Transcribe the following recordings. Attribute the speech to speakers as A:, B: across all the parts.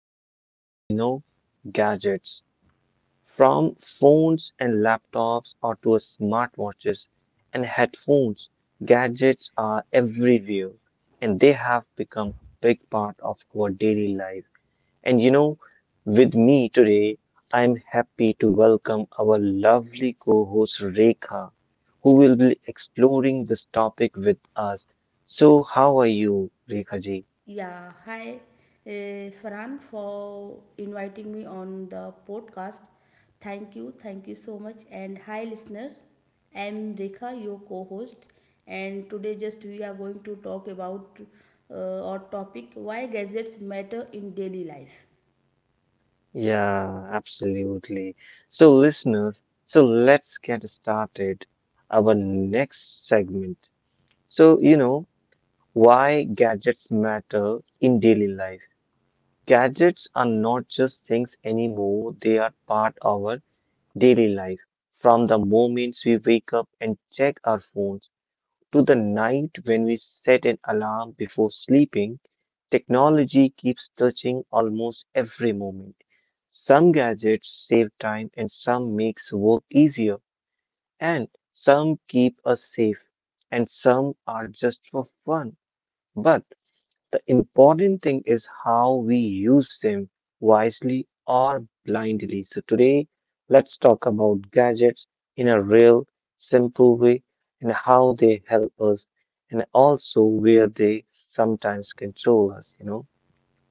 A: fun topic gadgets from phones and laptops or to smartwatches and headphones. Gadgets are everywhere and they have become a big part of our daily life. And you know, with me today, I'm happy to welcome our lovely co host Rekha, who will be exploring this topic with us. So, how are you, Rekha ji?
B: Yeah, hi uh, Farhan, for inviting me on the podcast. Thank you so much. And hi listeners, I am Rekha, your co-host, and today just we are going to talk about our topic, why gadgets matter in daily life.
A: Yeah, absolutely. So, listeners, so let's get started. Our next segment. So, you know, why gadgets matter in daily life. Gadgets are not just things anymore, they are part of our daily life, from the moments we wake up and check our phones to the night when we set an alarm before sleeping, technology keeps touching almost every moment. Some gadgets save time and some makes work easier and some keep us safe and some are just for fun. But the important thing is how we use them wisely or blindly. So, today, let's talk about gadgets in a real, simple way and how they help us, and also where they sometimes control us,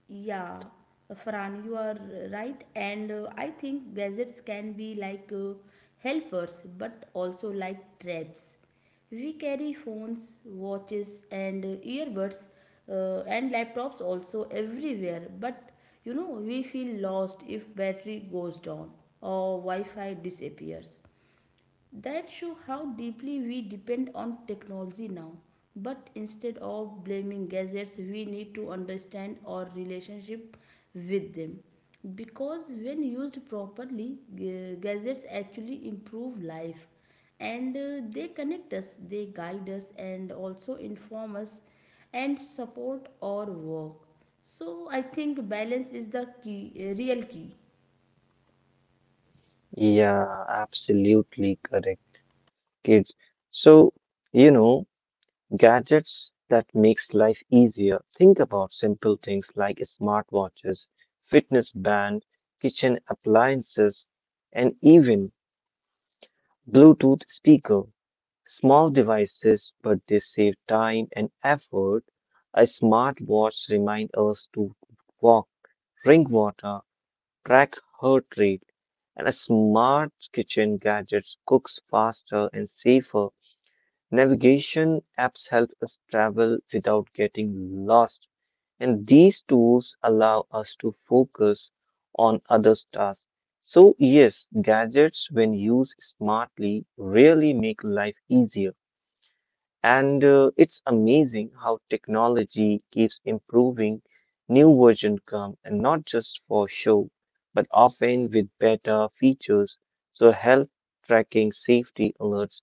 B: Yeah, Farhan, you are right. And I think gadgets can be like helpers, but also like traps. We carry phones, watches, and earbuds, and laptops also everywhere. But you know, we feel lost if battery goes down or Wi-Fi disappears. That show how deeply we depend on technology now. But instead of blaming gadgets, we need to understand our relationship with them. Because when used properly, gadgets actually improve life, and they connect us, they guide us, and also inform us and support our work. So I think balance is the key, real key.
A: Yeah, absolutely correct, kids. So, you know, Gadgets that makes life easier. Think about simple things like smartwatches fitness band, kitchen appliances, and even Bluetooth speaker. Small devices, but they save time and effort. A smartwatch reminds us to walk, drink water, track heart rate, and a smart kitchen gadgets cooks faster and safer. Navigation apps help us travel without getting lost. And these tools allow us to focus on other tasks. So, yes, gadgets, when used smartly, really make life easier. And it's amazing how technology keeps improving. New versions come, and not just for show, but often with better features. So, health tracking, safety alerts,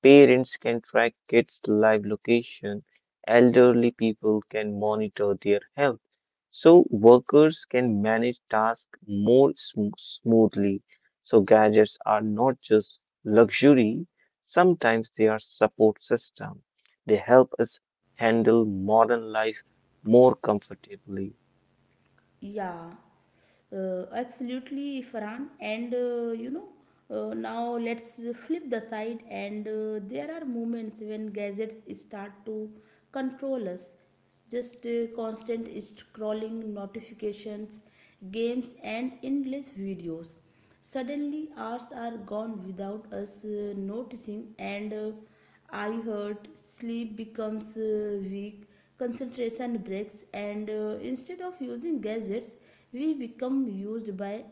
A: parents can track kids' live location, elderly people can monitor their health. So, workers can manage tasks more smoothly. So, gadgets are not just luxury, sometimes they are support system. They help us handle modern life more comfortably.
B: Yeah, absolutely, Farhan. And you know, now let's flip the side, and there are moments when gadgets start to control us. Just constant scrolling, notifications, games, and endless videos. Suddenly, hours are gone without us noticing, and I hurt, sleep becomes weak, concentration breaks, and instead of using gadgets, we become used by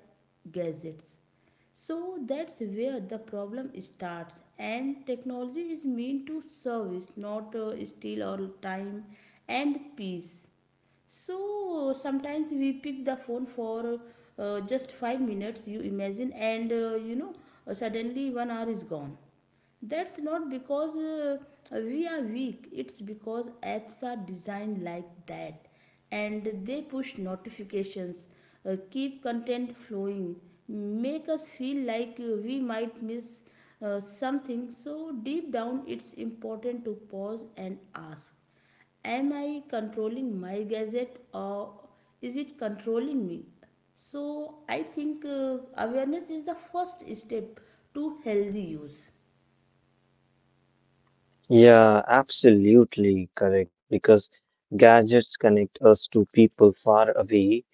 B: gadgets. So that's where the problem starts, and technology is meant to service, not steal our time and peace. So sometimes we pick the phone for just 5 minutes, you imagine, and you know, suddenly 1 hour is gone. That's not because we are weak, it's because apps are designed like that, and they push notifications, keep content flowing, make us feel like we might miss something. So, deep down, it's important to pause and ask. Am I controlling my gadget or is it controlling me? So I think awareness is the first step to healthy use.
A: Yeah, absolutely correct. Because gadgets connect us to people far away,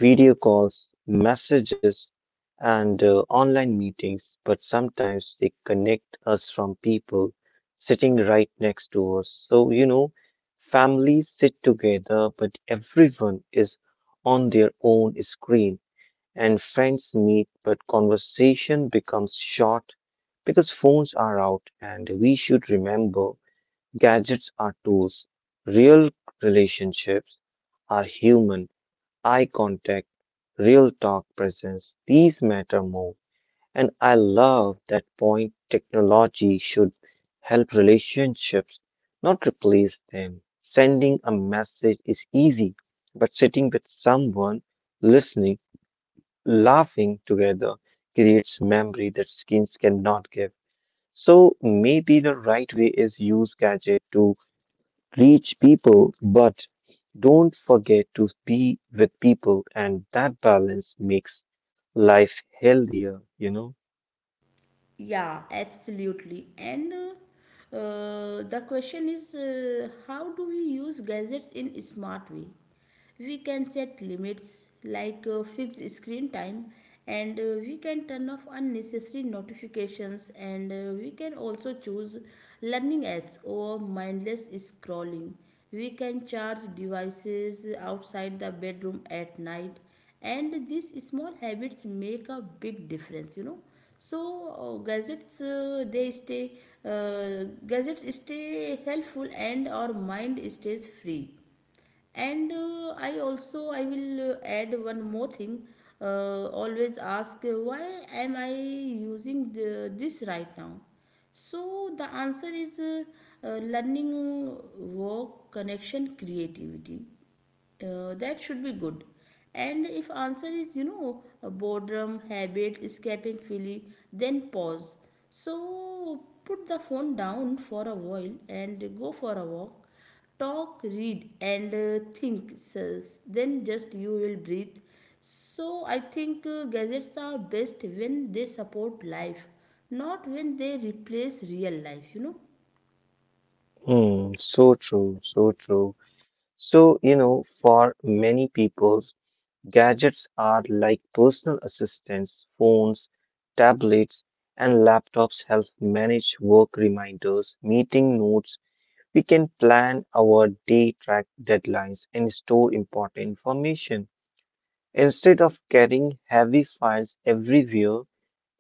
A: video calls, messages, and online meetings, but sometimes they connect us from people sitting right next to us. So, families sit together, but everyone is on their own screen. And friends meet, but conversation becomes short because phones are out, and we should remember gadgets are tools. Real relationships are human, eye contact, real talk presence. These matter more. And I love that point technology should help relationships, not replace them. Sending a message is easy, but sitting with someone listening, laughing together creates memory that screens cannot give. So maybe the right way is use gadget to reach people, but don't forget to be with people, and that balance makes life healthier, you know?
B: Yeah, absolutely. And the question is, how do we use gadgets in a smart way? We can set limits like fixed screen time, and we can turn off unnecessary notifications, and we can also choose learning apps or mindless scrolling. We can charge devices outside the bedroom at night, and these small habits make a big difference, you know. So uh, gadgets uh, they stay gadgets stay helpful and our mind stays free. And I will add one more thing. Always ask, why am I using this right now? So the answer is, learning, work, connection, creativity, that should be good. And if answer is, you know, boredom, habit, escaping feeling, then pause. So put the phone down for a while and go for a walk, talk, read, and think sis. Then just you will breathe. So I think gadgets are best when they support life, not when they replace real life, you know.
A: Hmm, so true, so true. So, for many people, gadgets are like personal assistants, phones, tablets, and laptops help manage work reminders, meeting notes. We can plan our day, track deadlines, and store important information. Instead of carrying heavy files everywhere,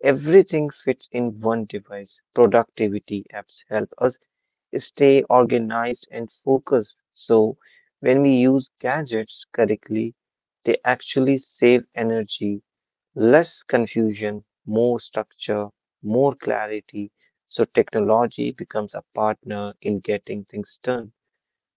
A: everything fits in one device. Productivity apps help us stay organized and focused. So, when we use gadgets correctly, they actually save energy, less confusion, more structure, more clarity. So, technology becomes a partner in getting things done.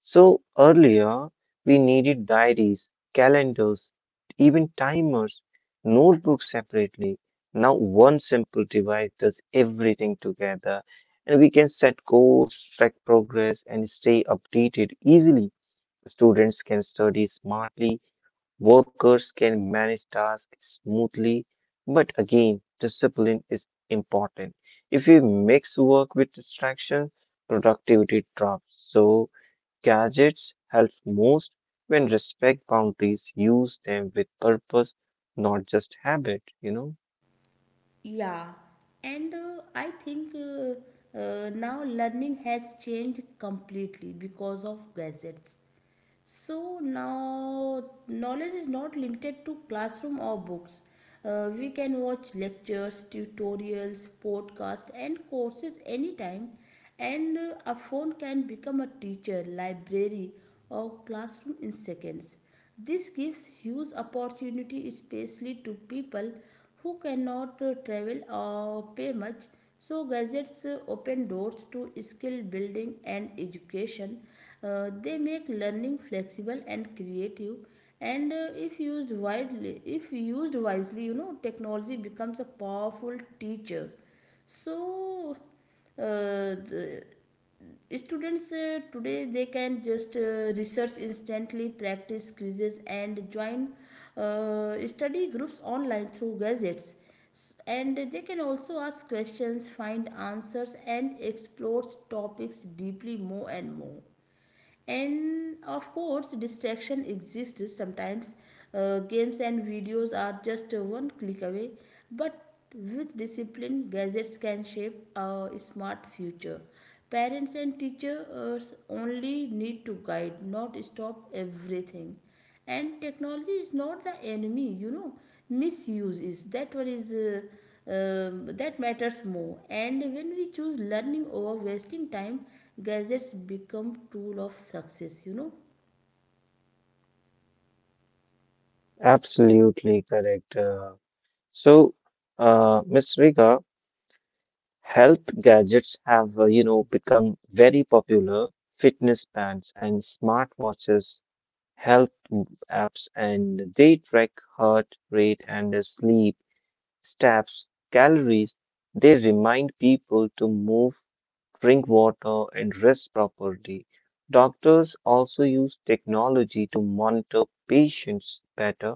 A: So, earlier we needed diaries, calendars, even timers, notebooks separately. Now, one simple device does everything together, and we can set goals, track progress, and stay updated easily. Students can study smartly, workers can manage tasks smoothly, but again, discipline is important. If we mix work with distraction, productivity drops. So, gadgets help most when respect boundaries, use them with purpose, not just habit,
B: Yeah, and I think now learning has changed completely because of gadgets. So now knowledge is not limited to classroom or books. We can watch lectures, tutorials, podcasts, and courses anytime, and a phone can become a teacher, library, or classroom in seconds. This gives huge opportunity, especially to people who cannot travel or pay much. So gadgets open doors to skill building and education. They make learning flexible and creative, and if used wisely, you know, technology becomes a powerful teacher. So uh, the- students today, they can just research instantly, practice quizzes, and join study groups online through gadgets. And they can also ask questions, find answers, and explore topics deeply, more and more. And of course distraction exists sometimes. Uh, games and videos are just one click away, but with discipline, gadgets can shape a smart future. Parents and teachers only need to guide, not stop everything. And technology is not the enemy, you know. Misuse is that one is that matters more. And when we choose learning over wasting time, gadgets become tool of success, you know.
A: Absolutely correct. So, Ms. Rika, health gadgets have, become very popular. Fitness bands and smartwatches, health m- apps, and they track heart rate and sleep, steps, calories. They remind people to move, drink water, and rest properly. Doctors also use technology to monitor patients better.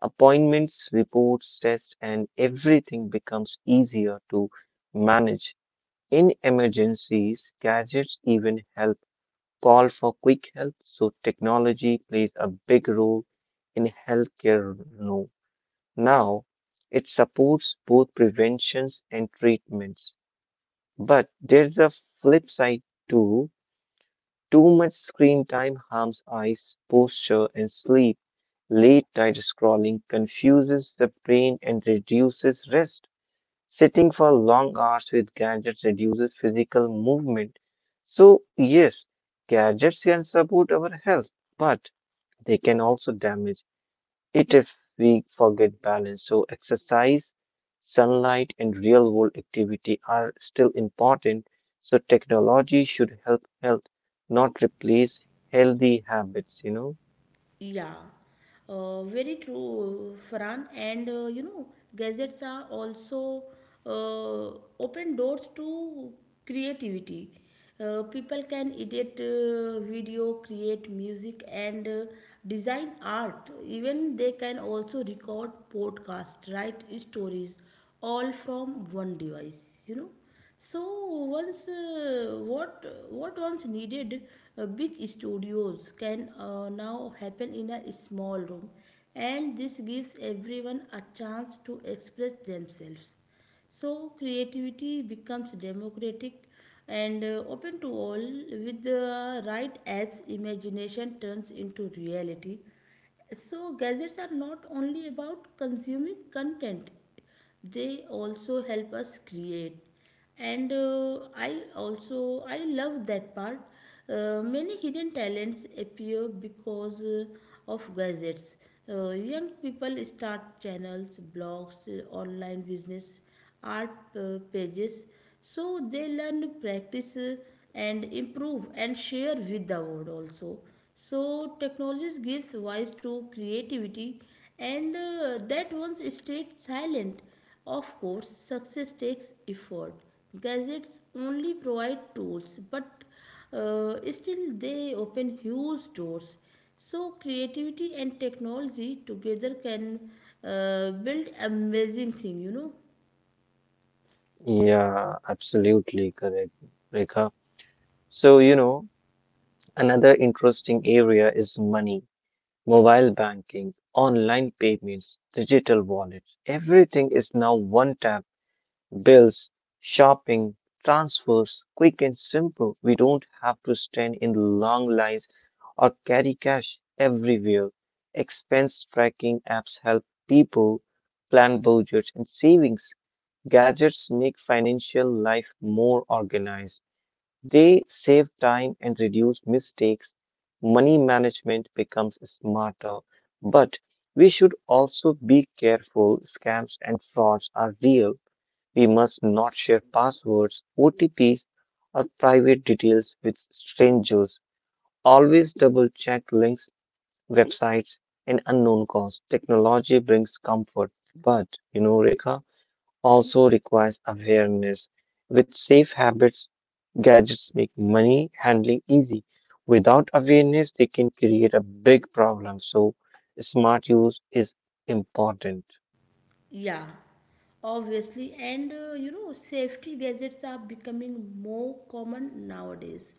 A: Appointments, reports, tests, and everything becomes easier to manage. In emergencies, gadgets even help call for quick help, so technology plays a big role in healthcare now. It supports both preventions and treatments. But there's a flip side too. Too much screen time harms eyes, posture, and sleep. Late night scrolling confuses the brain and reduces rest. Sitting for long hours with gadgets reduces physical movement. So, yes, gadgets can support our health, but they can also damage it if we forget balance. So, exercise, sunlight, and real world activity are still important. So, technology should help health, not replace healthy habits,
B: Yeah, very true, Farhan. And you know, gadgets are also uh, open doors to creativity. People can edit video, create music, and design art. Even they can also record podcast, write stories, all from one device, you know. So once what once needed big studios can now happen in a small room, and this gives everyone a chance to express themselves. So creativity becomes democratic and open to all. With the right apps, imagination turns into reality. So gadgets are not only about consuming content, they also help us create. And also I love that part. Uh, many hidden talents appear because of gadgets. Uh, young people start channels, blogs, online business, art pages. So they learn to practice, and improve, and share with the world also. So technology gives voice to creativity and that once stayed silent. Of course success takes effort, gadgets only provide tools, but still they open huge doors. So creativity and technology together can build amazing thing, you know.
A: Yeah, absolutely correct, Rekha. So, another interesting area is money, mobile banking, online payments, digital wallets. Everything is now one tap, bills, shopping, transfers, quick and simple. We don't have to stand in long lines or carry cash everywhere. Expense tracking apps help people plan budgets and savings. Gadgets make financial life more organized. They save time and reduce mistakes. Money management becomes smarter. But we should also be careful. Scams and frauds are real. We must not share passwords, OTPs, or private details with strangers. Always double check links, websites, and unknown calls. Technology brings comfort. But, you know, Rekha, also requires awareness. With safe habits, gadgets make money handling easy. Without awareness, they can create a big problem. So, smart use is important.
B: Yeah, obviously. And you know, safety gadgets are becoming more common nowadays,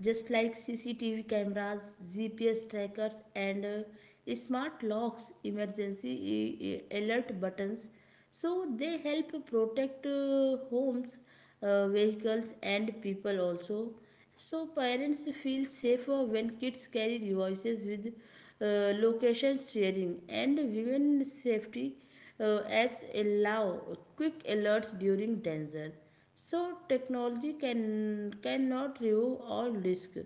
B: just like CCTV cameras, GPS trackers, and smart locks, emergency alert buttons. So they help protect homes, vehicles, and people also. So parents feel safer when kids carry devices with location sharing, and women safety apps allow quick alerts during danger. So technology can cannot remove all risk,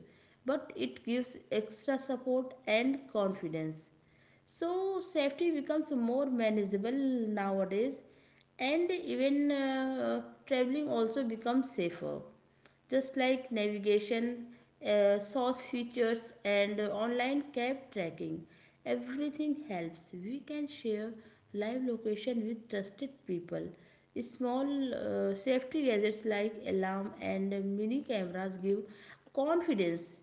B: but it gives extra support and confidence. So safety becomes more manageable nowadays. And even traveling also becomes safer, just like navigation, source features, and online cab tracking. Everything helps. We can share live location with trusted people. Small safety gadgets like alarm and mini cameras give confidence.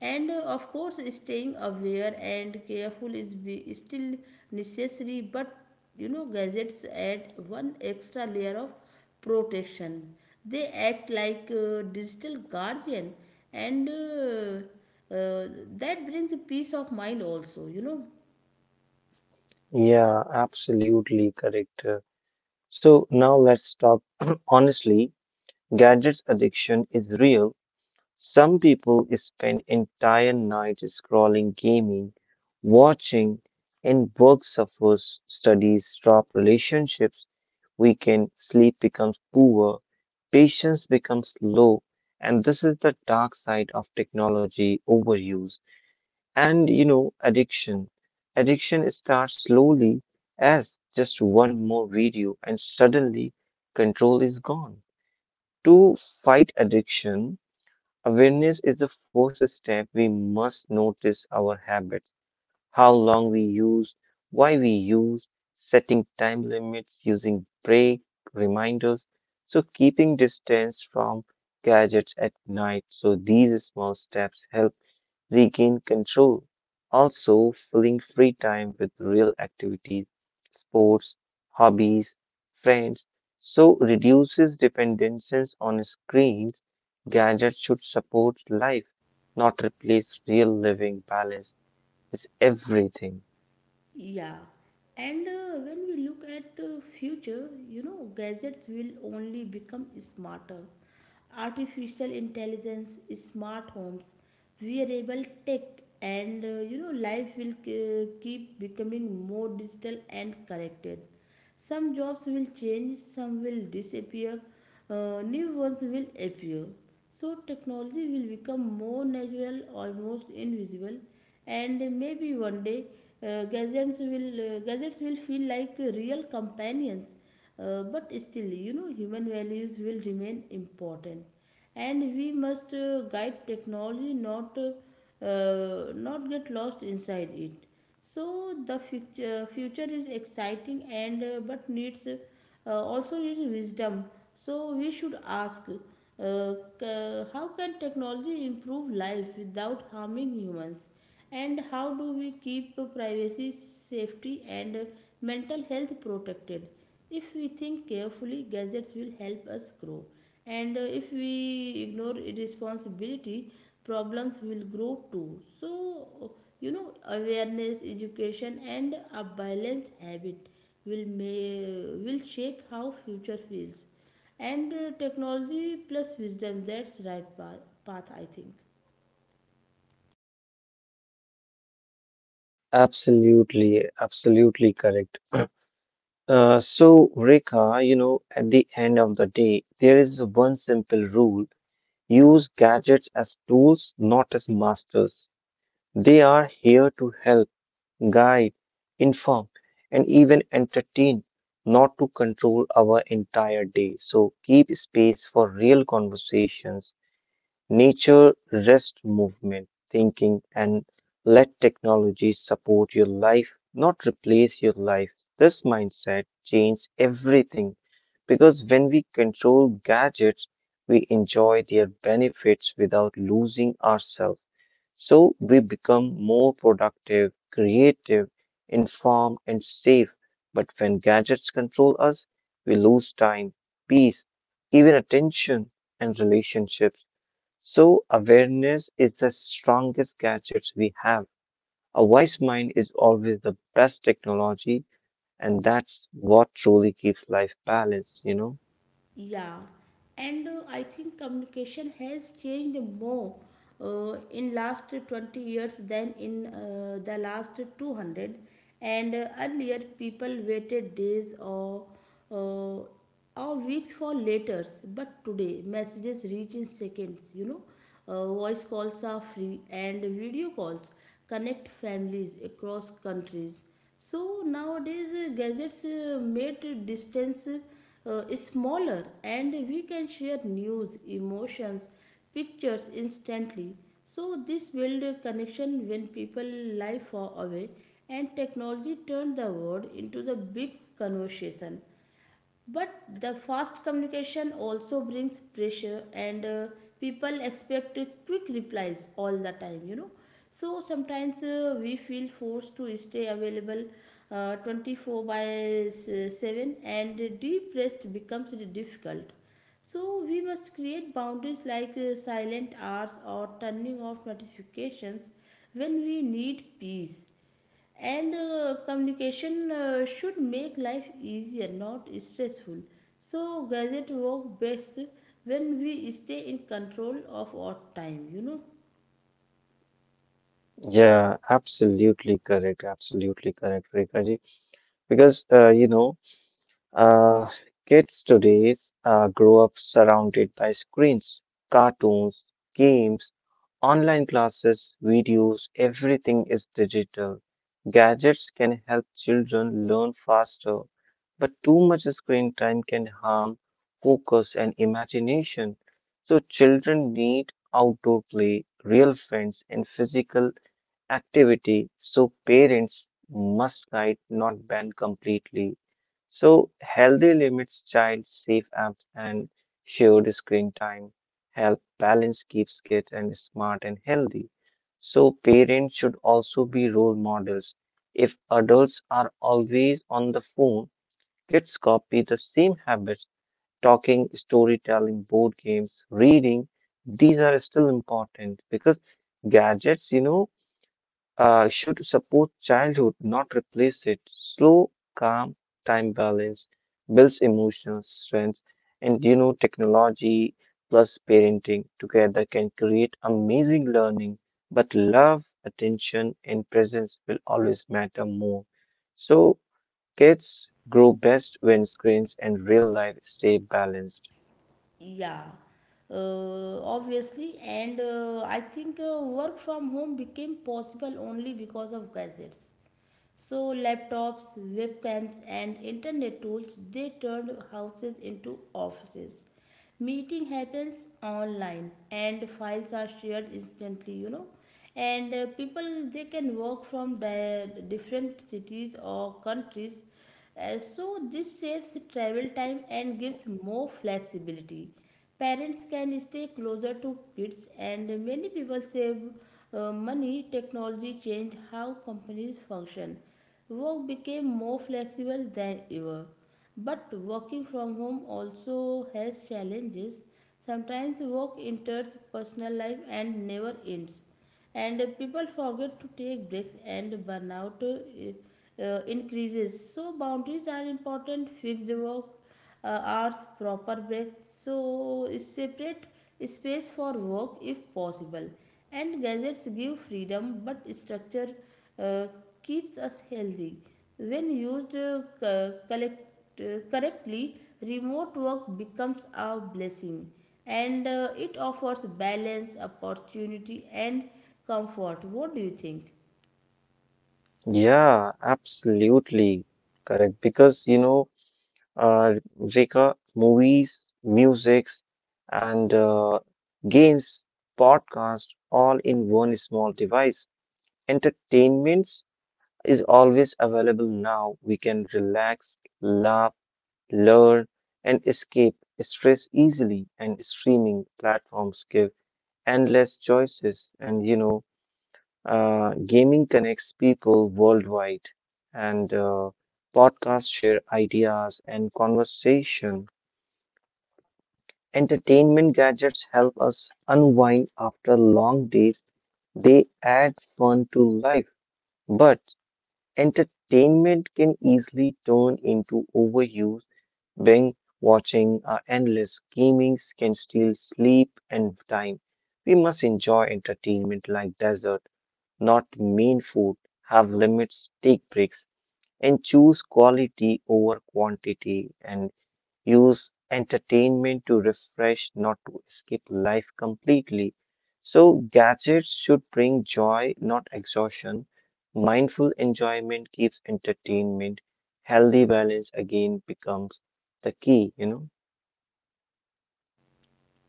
B: And of course staying aware and careful is still necessary, but you know, gadgets add one extra layer of protection. They act like digital guardian, and uh, that brings peace of mind also, you know.
A: Yeah, absolutely correct. So, now let's talk honestly. Gadgets addiction is real. Some people spend entire nights scrolling, gaming, watching, and work suffers, studies drop, relationships weaken, sleep becomes poor, patience becomes low, and this is the dark side of technology overuse. And you know, addiction. Addiction starts slowly as just one more video, and suddenly control is gone. To fight addiction, awareness is the first step. We must notice our habits, how long we use, why we use, setting time limits, using break reminders, so keeping distance from gadgets at night. So these small steps help regain control. Also, filling free time with real activities, sports, hobbies, friends, so reduces dependences on screens. Gadgets should support life, not replace real living. Balance is everything.
B: Yeah, and when we look at future, you know, gadgets will only become smarter. Artificial intelligence, smart homes, wearable tech, and you know, life will keep becoming more digital and connected. Some jobs will change, some will disappear, new ones will appear. So, technology will become more natural, almost invisible, and maybe one day gadgets will feel like real companions. But still, you know, human values will remain important, and we must guide technology, not get lost inside it. So the future is exciting, and but needs also needs wisdom. So we should ask, how can technology improve life without harming humans, and how do we keep privacy, safety, and mental health protected? If we think carefully, gadgets will help us grow. And if we ignore responsibility, problems will grow too. So, you know, awareness, education, and a balanced habit will may, will shape how future feels. And technology plus wisdom, that's right path, I think.
A: Absolutely, absolutely correct. So, Rekha, you know, at the end of the day, there is one simple rule: use gadgets as tools, not as masters. They are here to help, guide, inform, and even entertain, not to control our entire day. So keep space for real conversations, nature, rest, movement, thinking, and let technology support your life, not replace your life. This mindset changes everything because when we control gadgets, we enjoy their benefits without losing ourselves. So we become more productive, creative, informed, and safe. But when gadgets control us, we lose time, peace, even attention and relationships. So, awareness is the strongest gadgets we have. A wise mind is always the best technology, and that's what truly keeps life balanced, you know?
B: Yeah, and I think communication has changed more in last 20 years than in the last 200. And earlier, people waited days uh, or weeks for letters, but today messages reach in seconds. You know, voice calls are free and video calls connect families across countries. So nowadays, gadgets made distance smaller, and we can share news, emotions, pictures instantly. So this build a connection when people live far away, and technology turned the world into the big conversation. But the fast communication also brings pressure, and people expect quick replies all the time, you know. So sometimes we feel forced to stay available 24 by 7, and deep rest becomes difficult. So we must create boundaries like silent hours or turning off notifications when we need peace. And communication should make life easier, not stressful. So gadget work best when we stay in control of our time, you know.
A: Yeah, absolutely correct. Absolutely correct, Rekha ji. Because, Uh, kids today grow up surrounded by screens, cartoons, games, online classes, videos, everything is digital. Gadgets can help children learn faster, but too much screen time can harm focus and imagination. So, children need outdoor play, real friends, and physical activity, so parents must guide, not ban completely. So, healthy limits child safe apps and shared screen time help balance keeps kids and smart and healthy. So, parents should also be role models. If adults are always on the phone, kids copy the same habits talking, storytelling, board games, reading. These are still important because gadgets, should support childhood, not replace it. Slow, calm, time balance builds emotional strength, and you know, technology plus parenting together can create amazing learning. But love, attention, and presence will always matter more. So, kids grow best when screens and real life stay balanced.
B: Yeah, obviously. And I think work from home became possible only because of gadgets. So laptops, webcams, and internet tools, they turned houses into offices. Meeting happens online, and files are shared instantly, you know. And people, they can work from different cities or countries. So this saves travel time and gives more flexibility. Parents can stay closer to kids, and many people save money. Technology changed how companies function. Work became more flexible than ever. But working from home also has challenges. Sometimes work enters personal life and never ends, and people forget to take breaks, and burnout increases. So boundaries are important, fixed work hours, proper breaks, so separate space for work if possible. And gadgets give freedom, but structure uh, keeps us healthy when used collect, correctly. Remote work becomes a blessing, and it offers balance, opportunity, and comfort. What do you think?
A: Yeah, absolutely correct. Because uh, Zeka, movies, musics, and games, podcast, all in one small device. Entertainment is always available now. We can relax, laugh, learn, and escape stress easily. And streaming platforms give endless choices. And gaming connects people worldwide. And podcasts share ideas and conversation. Entertainment gadgets help us unwind after long days. They add fun to life, but entertainment can easily turn into overuse. Binge watching or endless gaming can steal sleep and time. We must enjoy entertainment like dessert, not main food. Have limits, take breaks, and choose quality over quantity. And use entertainment to refresh, not to escape life completely. So, gadgets should bring joy, not exhaustion. Mindful enjoyment keeps entertainment. Healthy balance again becomes the key,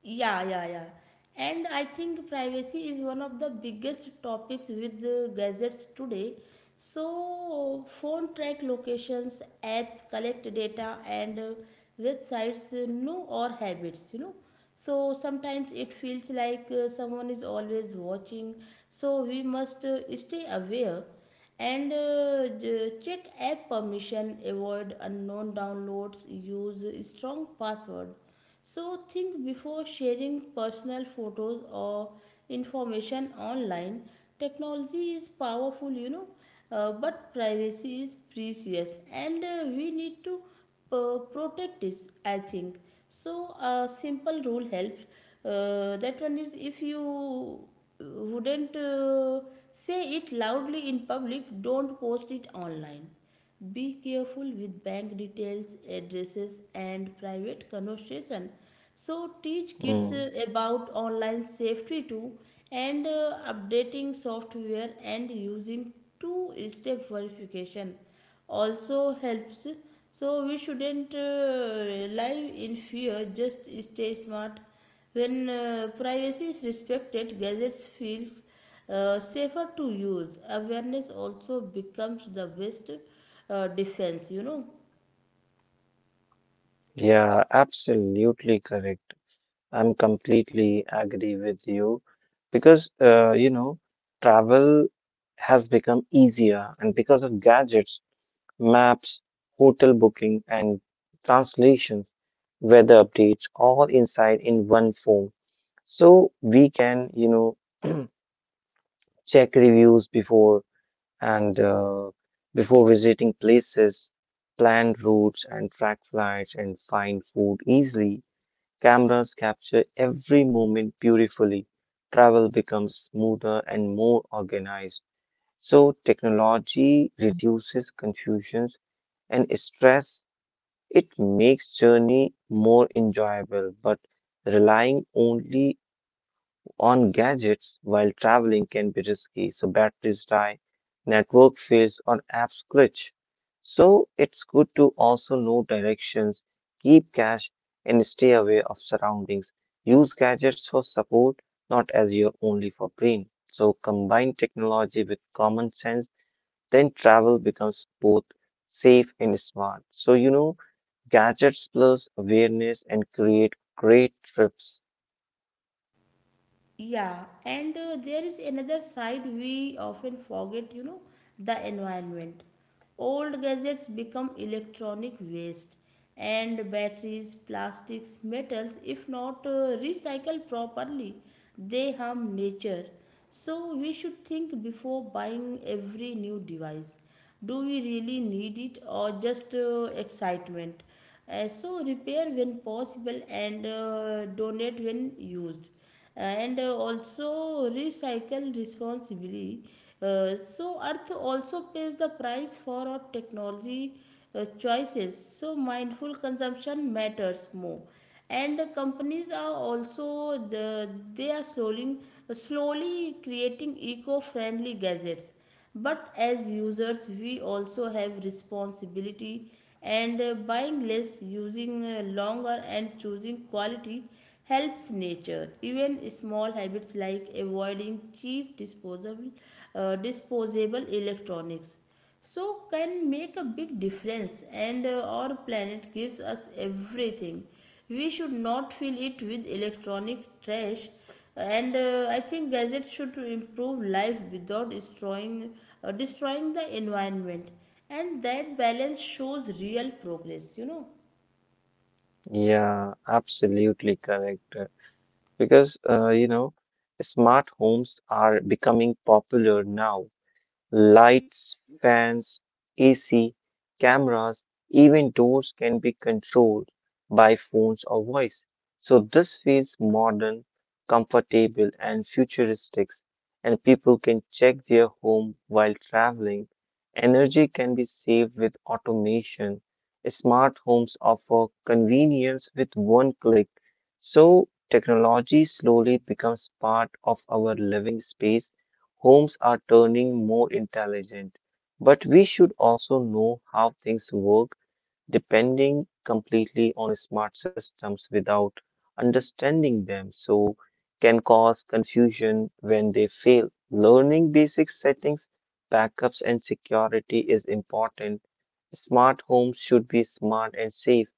B: Yeah, yeah, yeah. And I think privacy is one of the biggest topics with the gadgets today. So phone track locations, apps collect data, and websites know our habits, you know. So sometimes it feels like someone is always watching. So we must stay aware and check app permission, avoid unknown downloads, use a strong password. So think before sharing personal photos or information online. Technology is powerful, you know, but privacy is precious, and we need to protect it, I think. So a simple rule helps, that one is, if you wouldn't say it loudly in public, don't post it online. Be careful with bank details, addresses, and private conversation. So teach kids
A: Mm.
B: about online safety too. And updating software and using two step verification also helps. So we shouldn't live in fear, just stay smart. When privacy is respected, gadgets feel safer to use. Awareness also becomes the best defense, you know.
A: Yeah, absolutely correct. I'm completely agree with you because travel has become easier and because of gadgets maps, hotel booking, and translations, weather updates, all inside in one form. So we can, know, check reviews before and before visiting places, plan routes and track flights, and find food easily. Cameras capture every moment beautifully. Travel becomes smoother and more organized. So technology reduces confusions and stress, it makes journey more enjoyable, but relying only on gadgets while traveling can be risky. So batteries die, network fails, or apps glitch. So it's good to also know directions, keep cash, and stay aware of surroundings. Use gadgets for support, not as your only for brain. So combine technology with common sense, then travel becomes both safe and smart. So you know, gadgets plus awareness and create great trips.
B: Yeah, and there is another side we often forget, you know, the environment. Old gadgets become electronic waste, and batteries, plastics, metals, if not recycled properly, they harm nature. So we should think before buying every new device. Do we really need it, or just excitement? So repair when possible, and donate when used. And Also recycle responsibly. Uh, so Earth also pays the price for our technology choices. So mindful consumption matters more, and companies are also the, they are slowly creating eco-friendly gadgets. But as users, we also have responsibility, and buying less, using longer, and choosing quality helps nature. Even small habits like avoiding cheap disposable, disposable electronics, so can make a big difference. And our planet gives us everything. We should not fill it with electronic trash. And I think gadgets should improve life without destroying the environment, and that balance shows real progress, you know.
A: Yeah, absolutely correct. Because, you know, smart homes are becoming popular now. Lights, fans, AC, cameras, even doors can be controlled by phones or voice. So this feels modern, comfortable, and futuristic, and people can check their home while traveling. Energy can be saved with automation. Smart homes offer convenience with one click. So technology slowly becomes part of our living space. Homes are turning more intelligent, but we should also know how things work, depending completely on smart systems without understanding them, so can cause confusion when they fail. Learning basic settings, backups, and security is important. Smart homes should be smart and safe.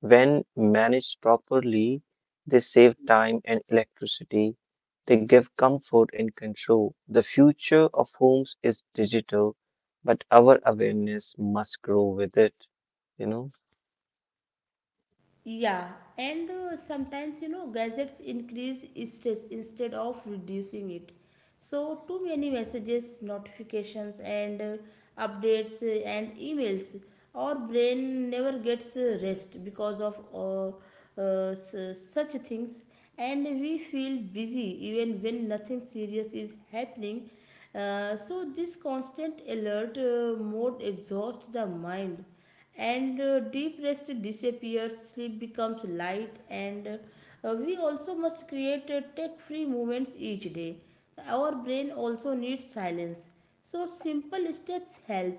A: When managed properly, they save time and electricity. They give comfort and control. The future of homes is digital, but our awareness must grow with it. You know?
B: Yeah, and sometimes, you know, gadgets increase stress instead of reducing it. So too many messages, notifications, and updates and emails. Our brain never gets rest because of such things, and we feel busy even when nothing serious is happening. So this constant alert mode exhausts the mind, and deep rest disappears. Sleep becomes light, and we also must create tech free moments each day. Our brain also needs silence. So simple steps help: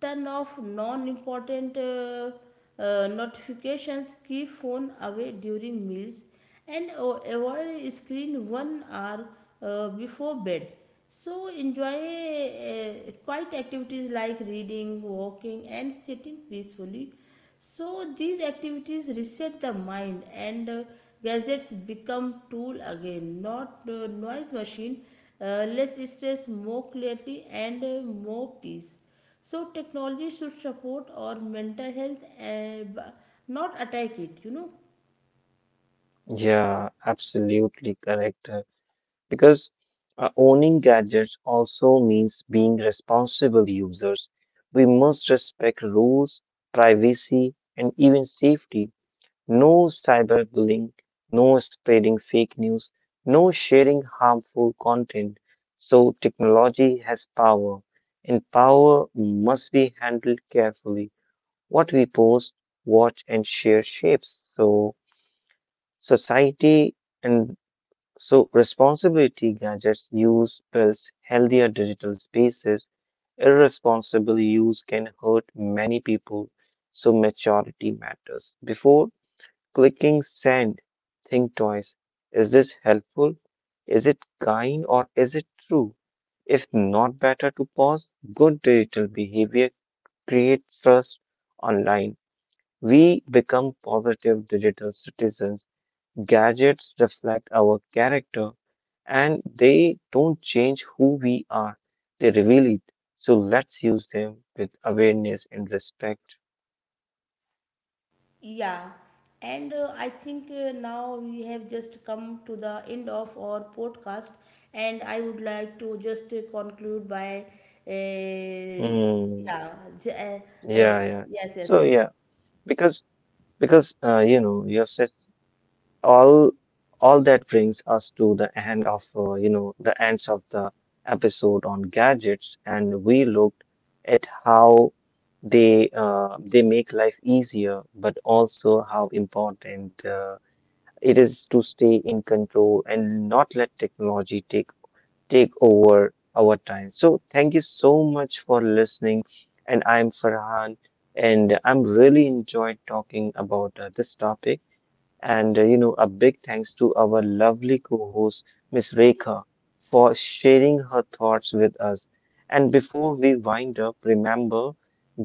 B: turn off non important notifications, keep phone away during meals, and avoid screen one hour before bed. So enjoy quiet activities like reading, walking, and sitting peacefully. So these activities reset the mind, and gadgets become tool again, not noise machine. Less stress, more clarity, and more peace. So technology should support our mental health, and not attack it, you know.
A: Yeah, absolutely correct. Because owning gadgets also means being responsible users. We must respect rules, privacy, and even safety. No cyberbullying, no spreading fake news, no sharing harmful content. So technology has power, and power must be handled carefully. What we post, watch, and share shapes. So society and so responsibility gadgets use builds healthier digital spaces. Irresponsible use can hurt many people. So maturity matters. Before clicking send, think twice. Is this helpful? Is it kind, or is it true? If not, better to pause. Good digital behavior creates trust online. We become positive digital citizens. Gadgets reflect our character, and they don't change who we are, they reveal it. So let's use them with awareness and respect.
B: Yeah, and I think now we have just come to the end of our podcast, and I would like to just conclude by, uh,
A: Hmm.
B: yeah, j- uh, uh,
A: Yeah, yeah.
B: yes, yes,
A: So,
B: yes.
A: yeah, because you know, you have said all all that brings us to the end of you know, the ends of the episode on gadgets, and we looked at how they make life easier, but also how important it is to stay in control and not let technology take over our time. So thank you so much for listening, and I'm Farhan, and I'm really enjoyed talking about this topic. And you know, a big thanks to our lovely co-host, Miss Rekha, for sharing her thoughts with us. And before we wind up, remember,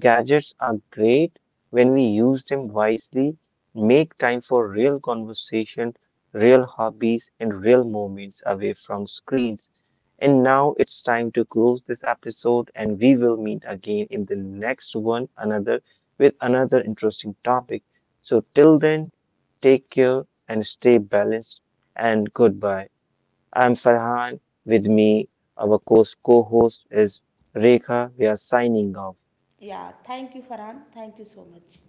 A: gadgets are great when we use them wisely. Make time for real conversation, real hobbies, and real moments away from screens. And now it's time to close this episode, and we will meet again in the next one another with another interesting topic. So till then, take care and stay balanced. And goodbye. I'm Farhan. With me, our co host is Rekha. We are signing off.
B: Yeah, thank you, Farhan. Thank you so much.